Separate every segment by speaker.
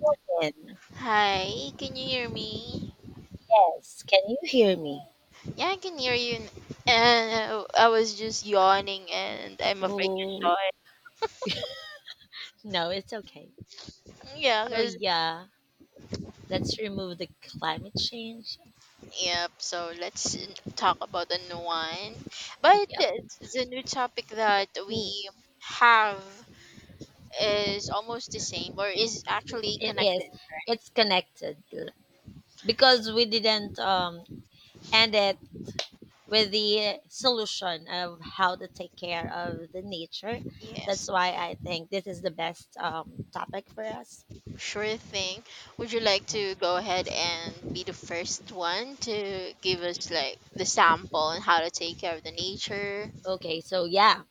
Speaker 1: Morning.
Speaker 2: Hi, can you hear me?
Speaker 1: Yes, can you hear me?
Speaker 2: Yeah, I can hear you. And I was just yawning, and I'm afraid you
Speaker 1: Well,
Speaker 2: saw
Speaker 1: no, it's okay.
Speaker 2: it. Yeah,
Speaker 1: So
Speaker 2: cause
Speaker 1: yeah, let's remove the climate change.
Speaker 2: yep. So talk about the new one. But
Speaker 1: Yep.
Speaker 2: the new topic that
Speaker 1: Ooh,
Speaker 2: we have is almost the same, or is actually
Speaker 1: it is.
Speaker 2: connected.
Speaker 1: It's connected
Speaker 2: Yeah,
Speaker 1: because we didn't end it with the solution of how to take care of the nature. That's
Speaker 2: yes,
Speaker 1: why I think this is the best topic for us.
Speaker 2: sure thing. Would you like
Speaker 1: Okay.
Speaker 2: to go ahead and be the first one to give us like the sample on how to take care of the nature?
Speaker 1: Okay, so yeah,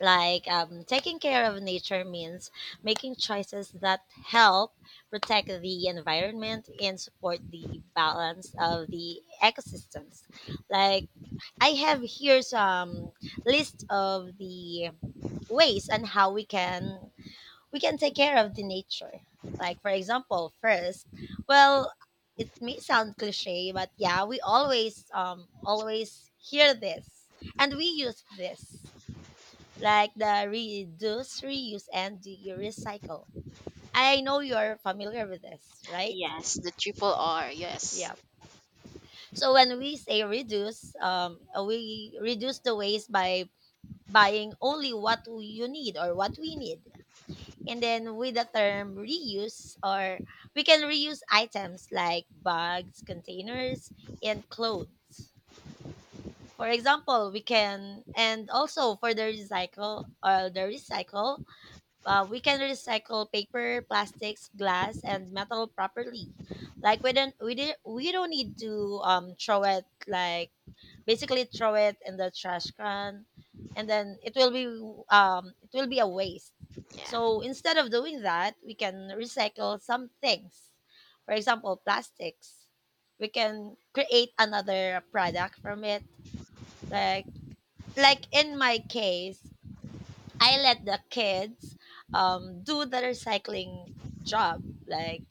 Speaker 1: Taking care of nature means making choices that help protect the environment and support the balance of the ecosystems. Like I have here some list of the ways and how we can take care of the nature. Like for example, first, well, it may sound cliche, but yeah, we always hear this and we use this like the reduce, reuse, and the recycle. I know you're familiar with this, right?
Speaker 2: Yes, the triple
Speaker 1: Mhm.
Speaker 2: R. Yes.
Speaker 1: Yeah. So when we say reduce, we reduce the waste by buying only what you need or what we need. And then with the term reuse, or we can reuse items like bags, containers, and clothes. For example, we can, and also for the recycle or the recycle, we can recycle paper, plastics, glass, and metal properly. Like we don't need to throw it, like basically throw it in the trash can, and then it will be a waste.
Speaker 2: Yeah.
Speaker 1: So instead of doing that, we can recycle some things. For example, plastics. We can create another product from it. Like in my case, I let the kids do the recycling job. Like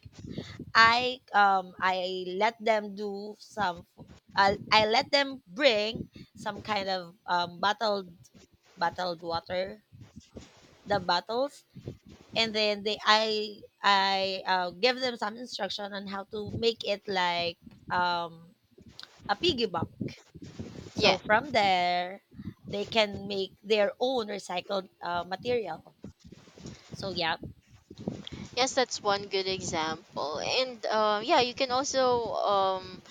Speaker 1: I let them do some. I let them bring some kind of bottled bottled water, the bottles, and then they I give them some instruction on how to make it like um, a piggy bank.
Speaker 2: Yeah.
Speaker 1: So from there, they can make their own recycled material. So yeah.
Speaker 2: Yes, that's one good example. And yeah, you can also um,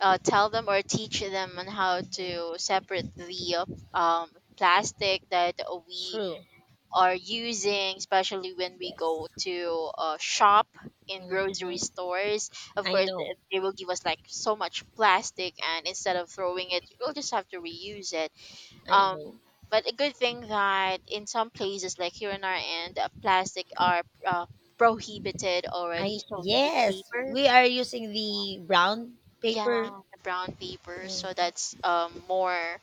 Speaker 2: uh, tell them or teach them on how
Speaker 1: Mm-hmm.
Speaker 2: to separate the plastic that we
Speaker 1: True.
Speaker 2: are using, especially when we
Speaker 1: Yes.
Speaker 2: go to shop in grocery
Speaker 1: Hmm.
Speaker 2: stores. Of
Speaker 1: I
Speaker 2: course,
Speaker 1: know.
Speaker 2: they will give us like so much plastic, and instead of throwing it, we'll just have to reuse it.
Speaker 1: I
Speaker 2: Um,
Speaker 1: know.
Speaker 2: but a good thing that in some places, like here in our end, plastic are prohibited already,
Speaker 1: I
Speaker 2: so we use
Speaker 1: yes,
Speaker 2: paper.
Speaker 1: we are using the brown paper.
Speaker 2: Yeah, the brown paper. So
Speaker 1: Mm,
Speaker 2: that's more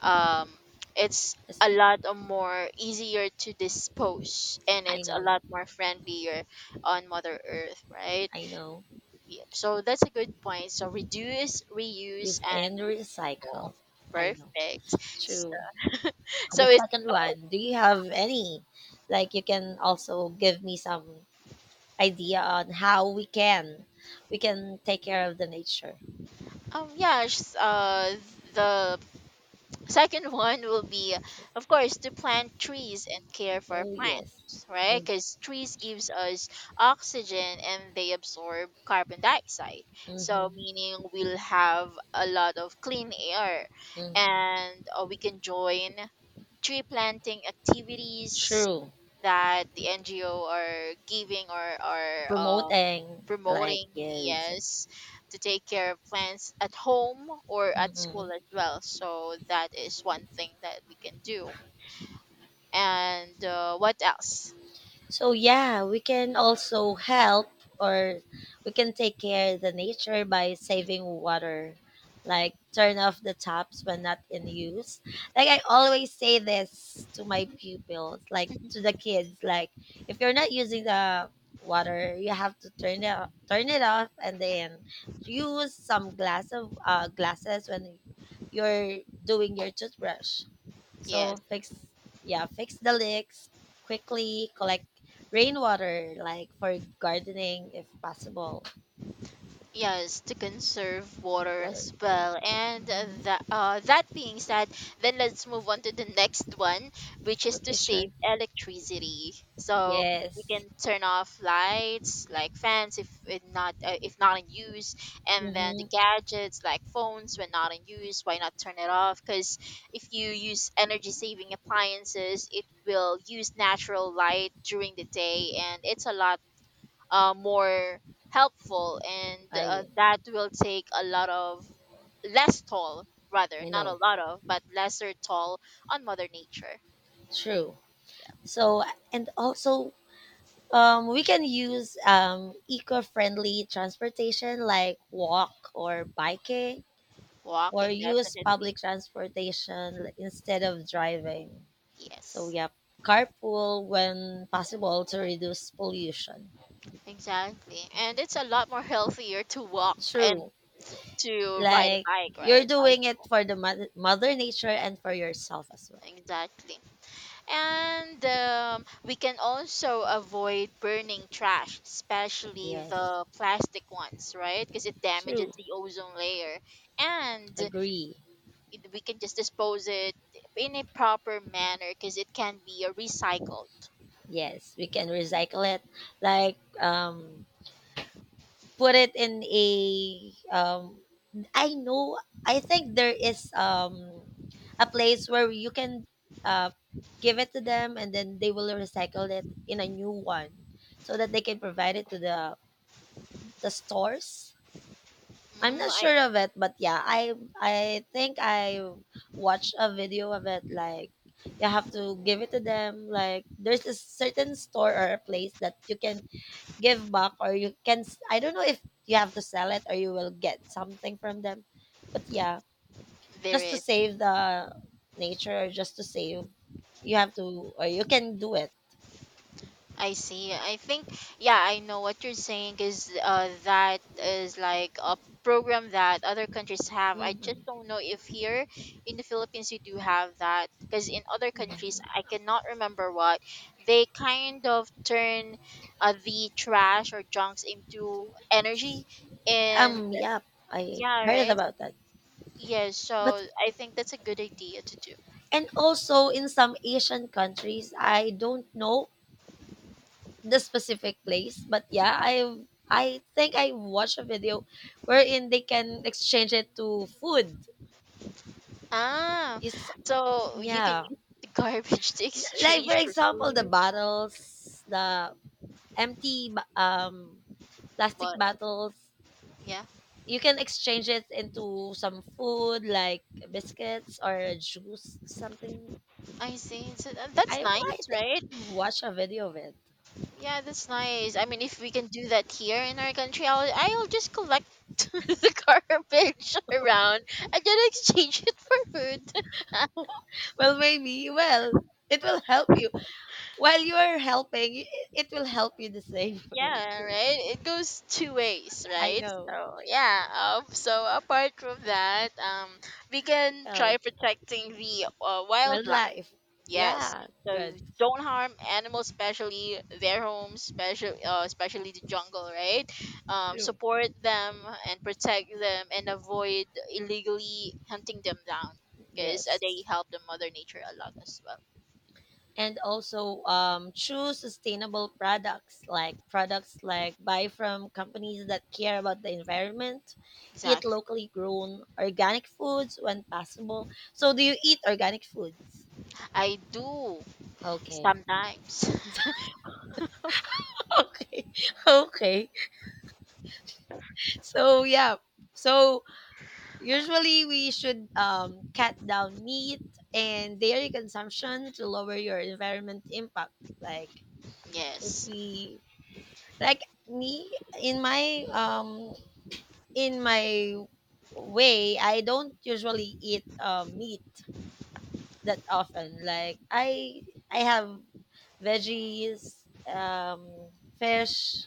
Speaker 2: um it's
Speaker 1: yes,
Speaker 2: a lot of more easier to dispose, and
Speaker 1: I
Speaker 2: it's a
Speaker 1: know.
Speaker 2: lot more friendlier on Mother Earth, right?
Speaker 1: I know.
Speaker 2: Yep. So that's a good point. So reduce, reuse,
Speaker 1: Use
Speaker 2: and
Speaker 1: and
Speaker 2: recycle.
Speaker 1: recycle. I know.
Speaker 2: Perfect.
Speaker 1: True. The
Speaker 2: So
Speaker 1: second one, do you have any? Like you can also give me some idea on how we can take care of the nature.
Speaker 2: Yeah, the second one will be,
Speaker 1: Okay.
Speaker 2: of course, to plant trees and care for
Speaker 1: Oh yes.
Speaker 2: plants, right?
Speaker 1: I,
Speaker 2: Because trees gives us oxygen and they absorb carbon dioxide. So
Speaker 1: mm-hmm.
Speaker 2: meaning we'll have a lot of clean air,
Speaker 1: Mm-hmm.
Speaker 2: and we can join tree planting activities
Speaker 1: True.
Speaker 2: that the NGO are giving or are
Speaker 1: Promoting, like
Speaker 2: promoting,
Speaker 1: yes.
Speaker 2: yes, to take care of plants at home or at
Speaker 1: Mm.
Speaker 2: school as well. So that is one thing that we can do. And what else?
Speaker 1: So yeah, we can also help or we can take care of the nature by saving water, like turn off the taps when not in use. Like I always say this to my pupils, like to the kids, like if you're not using the water you have to turn it off, and then use some glass of glasses when you're doing your toothbrush.
Speaker 2: Yes.
Speaker 1: So fix, yeah, fix the leaks quickly, collect rainwater like for gardening if possible.
Speaker 2: Yes, to conserve water
Speaker 1: Water
Speaker 2: as
Speaker 1: I
Speaker 2: well. And
Speaker 1: mhm.
Speaker 2: that being said, then let's move on to the next one, which is to
Speaker 1: Okay, sure.
Speaker 2: save electricity. So we
Speaker 1: Yes.
Speaker 2: can turn off lights like fans if not in use, and then the
Speaker 1: Mm-hmm.
Speaker 2: gadgets like phones when not in use. Why not turn it off? Because if you use energy saving appliances, it will use natural light during the day, and it's a lot more helpful, and
Speaker 1: I
Speaker 2: that will take a lot of less toll, rather
Speaker 1: I
Speaker 2: not a
Speaker 1: know.
Speaker 2: lot of but lesser toll on mother nature.
Speaker 1: True. So and also we can use eco-friendly transportation like walk or biking or
Speaker 2: Walking,
Speaker 1: use
Speaker 2: definitely.
Speaker 1: public transportation instead of driving. So
Speaker 2: Yes,
Speaker 1: yep, carpool when possible to reduce pollution.
Speaker 2: exactly, and it's a lot more healthier to walk and
Speaker 1: True.
Speaker 2: to ride a
Speaker 1: Like
Speaker 2: bike,
Speaker 1: you're
Speaker 2: right?
Speaker 1: doing it
Speaker 2: Bicycle,
Speaker 1: for the mother nature and for yourself as well.
Speaker 2: exactly. And we can also avoid burning trash, especially
Speaker 1: Yes.
Speaker 2: the plastic ones, right? Because it damages
Speaker 1: True.
Speaker 2: the ozone layer, and
Speaker 1: Agree.
Speaker 2: it, we can just dispose it in a proper manner because it can be recycled.
Speaker 1: Yes, we can recycle it. Like put it in a um I know, I think there is a place where you can uh give it to them, and then they will recycle it in a new one so that they can provide it to the stores. I'm
Speaker 2: Mm,
Speaker 1: not sure
Speaker 2: I
Speaker 1: of it, but yeah, I think I watched a video of it, like you have to give it to them, like there's a certain store or a place that you can give back or you can I don't know if you have to sell it or you will get something from them. But yeah,
Speaker 2: There
Speaker 1: just to
Speaker 2: is.
Speaker 1: save the nature or just to save, you have to or you can do it.
Speaker 2: I see. I think yeah, I know what you're saying is that is like a program that other countries have. I just
Speaker 1: Mhm.
Speaker 2: don't know if here in the Philippines you do have that, because in other countries I cannot remember what they kind of turn the trash or junks into energy and
Speaker 1: Yeah, I
Speaker 2: yeah,
Speaker 1: heard
Speaker 2: right.
Speaker 1: about that.
Speaker 2: Yes,
Speaker 1: But
Speaker 2: so I think that's a good idea to do.
Speaker 1: and also in some Asian countries, I don't know the specific place, but yeah, I think I watched a video wherein they can exchange it to food.
Speaker 2: Ah,
Speaker 1: Yes,
Speaker 2: so you can
Speaker 1: yeah.
Speaker 2: use the garbage to
Speaker 1: Like for
Speaker 2: exchange for
Speaker 1: example, the
Speaker 2: food.
Speaker 1: bottles, the empty plastic
Speaker 2: But
Speaker 1: bottles,
Speaker 2: yeah,
Speaker 1: you can exchange it into some food like biscuits or juice, something.
Speaker 2: I see. So that's
Speaker 1: I
Speaker 2: nice,
Speaker 1: think
Speaker 2: right?
Speaker 1: watch a video of it.
Speaker 2: Yeah, that's nice. I mean, if we can do that here in our country, I'll just collect the garbage around and then exchange it for food.
Speaker 1: Well, maybe. Well, it will help you while you are helping. It will help you the same way
Speaker 2: Yeah,
Speaker 1: too.
Speaker 2: right, it goes two ways,
Speaker 1: I
Speaker 2: right?
Speaker 1: know.
Speaker 2: So yeah, so apart from that, we can try
Speaker 1: Well,
Speaker 2: protecting the wildlife,
Speaker 1: wildlife.
Speaker 2: yes,
Speaker 1: Yeah,
Speaker 2: so
Speaker 1: good.
Speaker 2: don't harm animals, especially their homes, especially especially the jungle, right?
Speaker 1: True.
Speaker 2: Support them and protect them, and avoid illegally hunting them down because
Speaker 1: Yes.
Speaker 2: they help the mother nature a lot as well.
Speaker 1: And also choose sustainable products, like products like buy from companies that care about the environment, eat
Speaker 2: Exactly.
Speaker 1: locally grown organic foods when possible. So do you eat organic foods?
Speaker 2: I do
Speaker 1: Okay.
Speaker 2: sometimes.
Speaker 1: okay. okay, so yeah, so usually we should cut down meat and dairy consumption to lower your environment impact, like if
Speaker 2: Yes.
Speaker 1: we, like me, in my way, I don't usually eat meat that often. Like I have veggies, fish.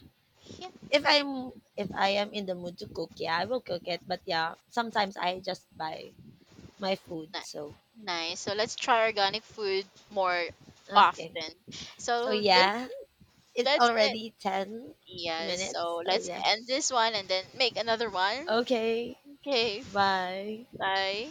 Speaker 2: Yeah,
Speaker 1: If I'm if I am in the mood to cook, yeah, I will cook it. But yeah, sometimes I just buy my food. So
Speaker 2: nice. So let's try organic food more
Speaker 1: okay,
Speaker 2: often.
Speaker 1: so
Speaker 2: So this
Speaker 1: yeah, it's
Speaker 2: that's it.
Speaker 1: already ten
Speaker 2: Yes. So
Speaker 1: minutes. So
Speaker 2: let's
Speaker 1: yeah,
Speaker 2: end this one and then make another one.
Speaker 1: okay,
Speaker 2: Okay.
Speaker 1: bye.
Speaker 2: Bye.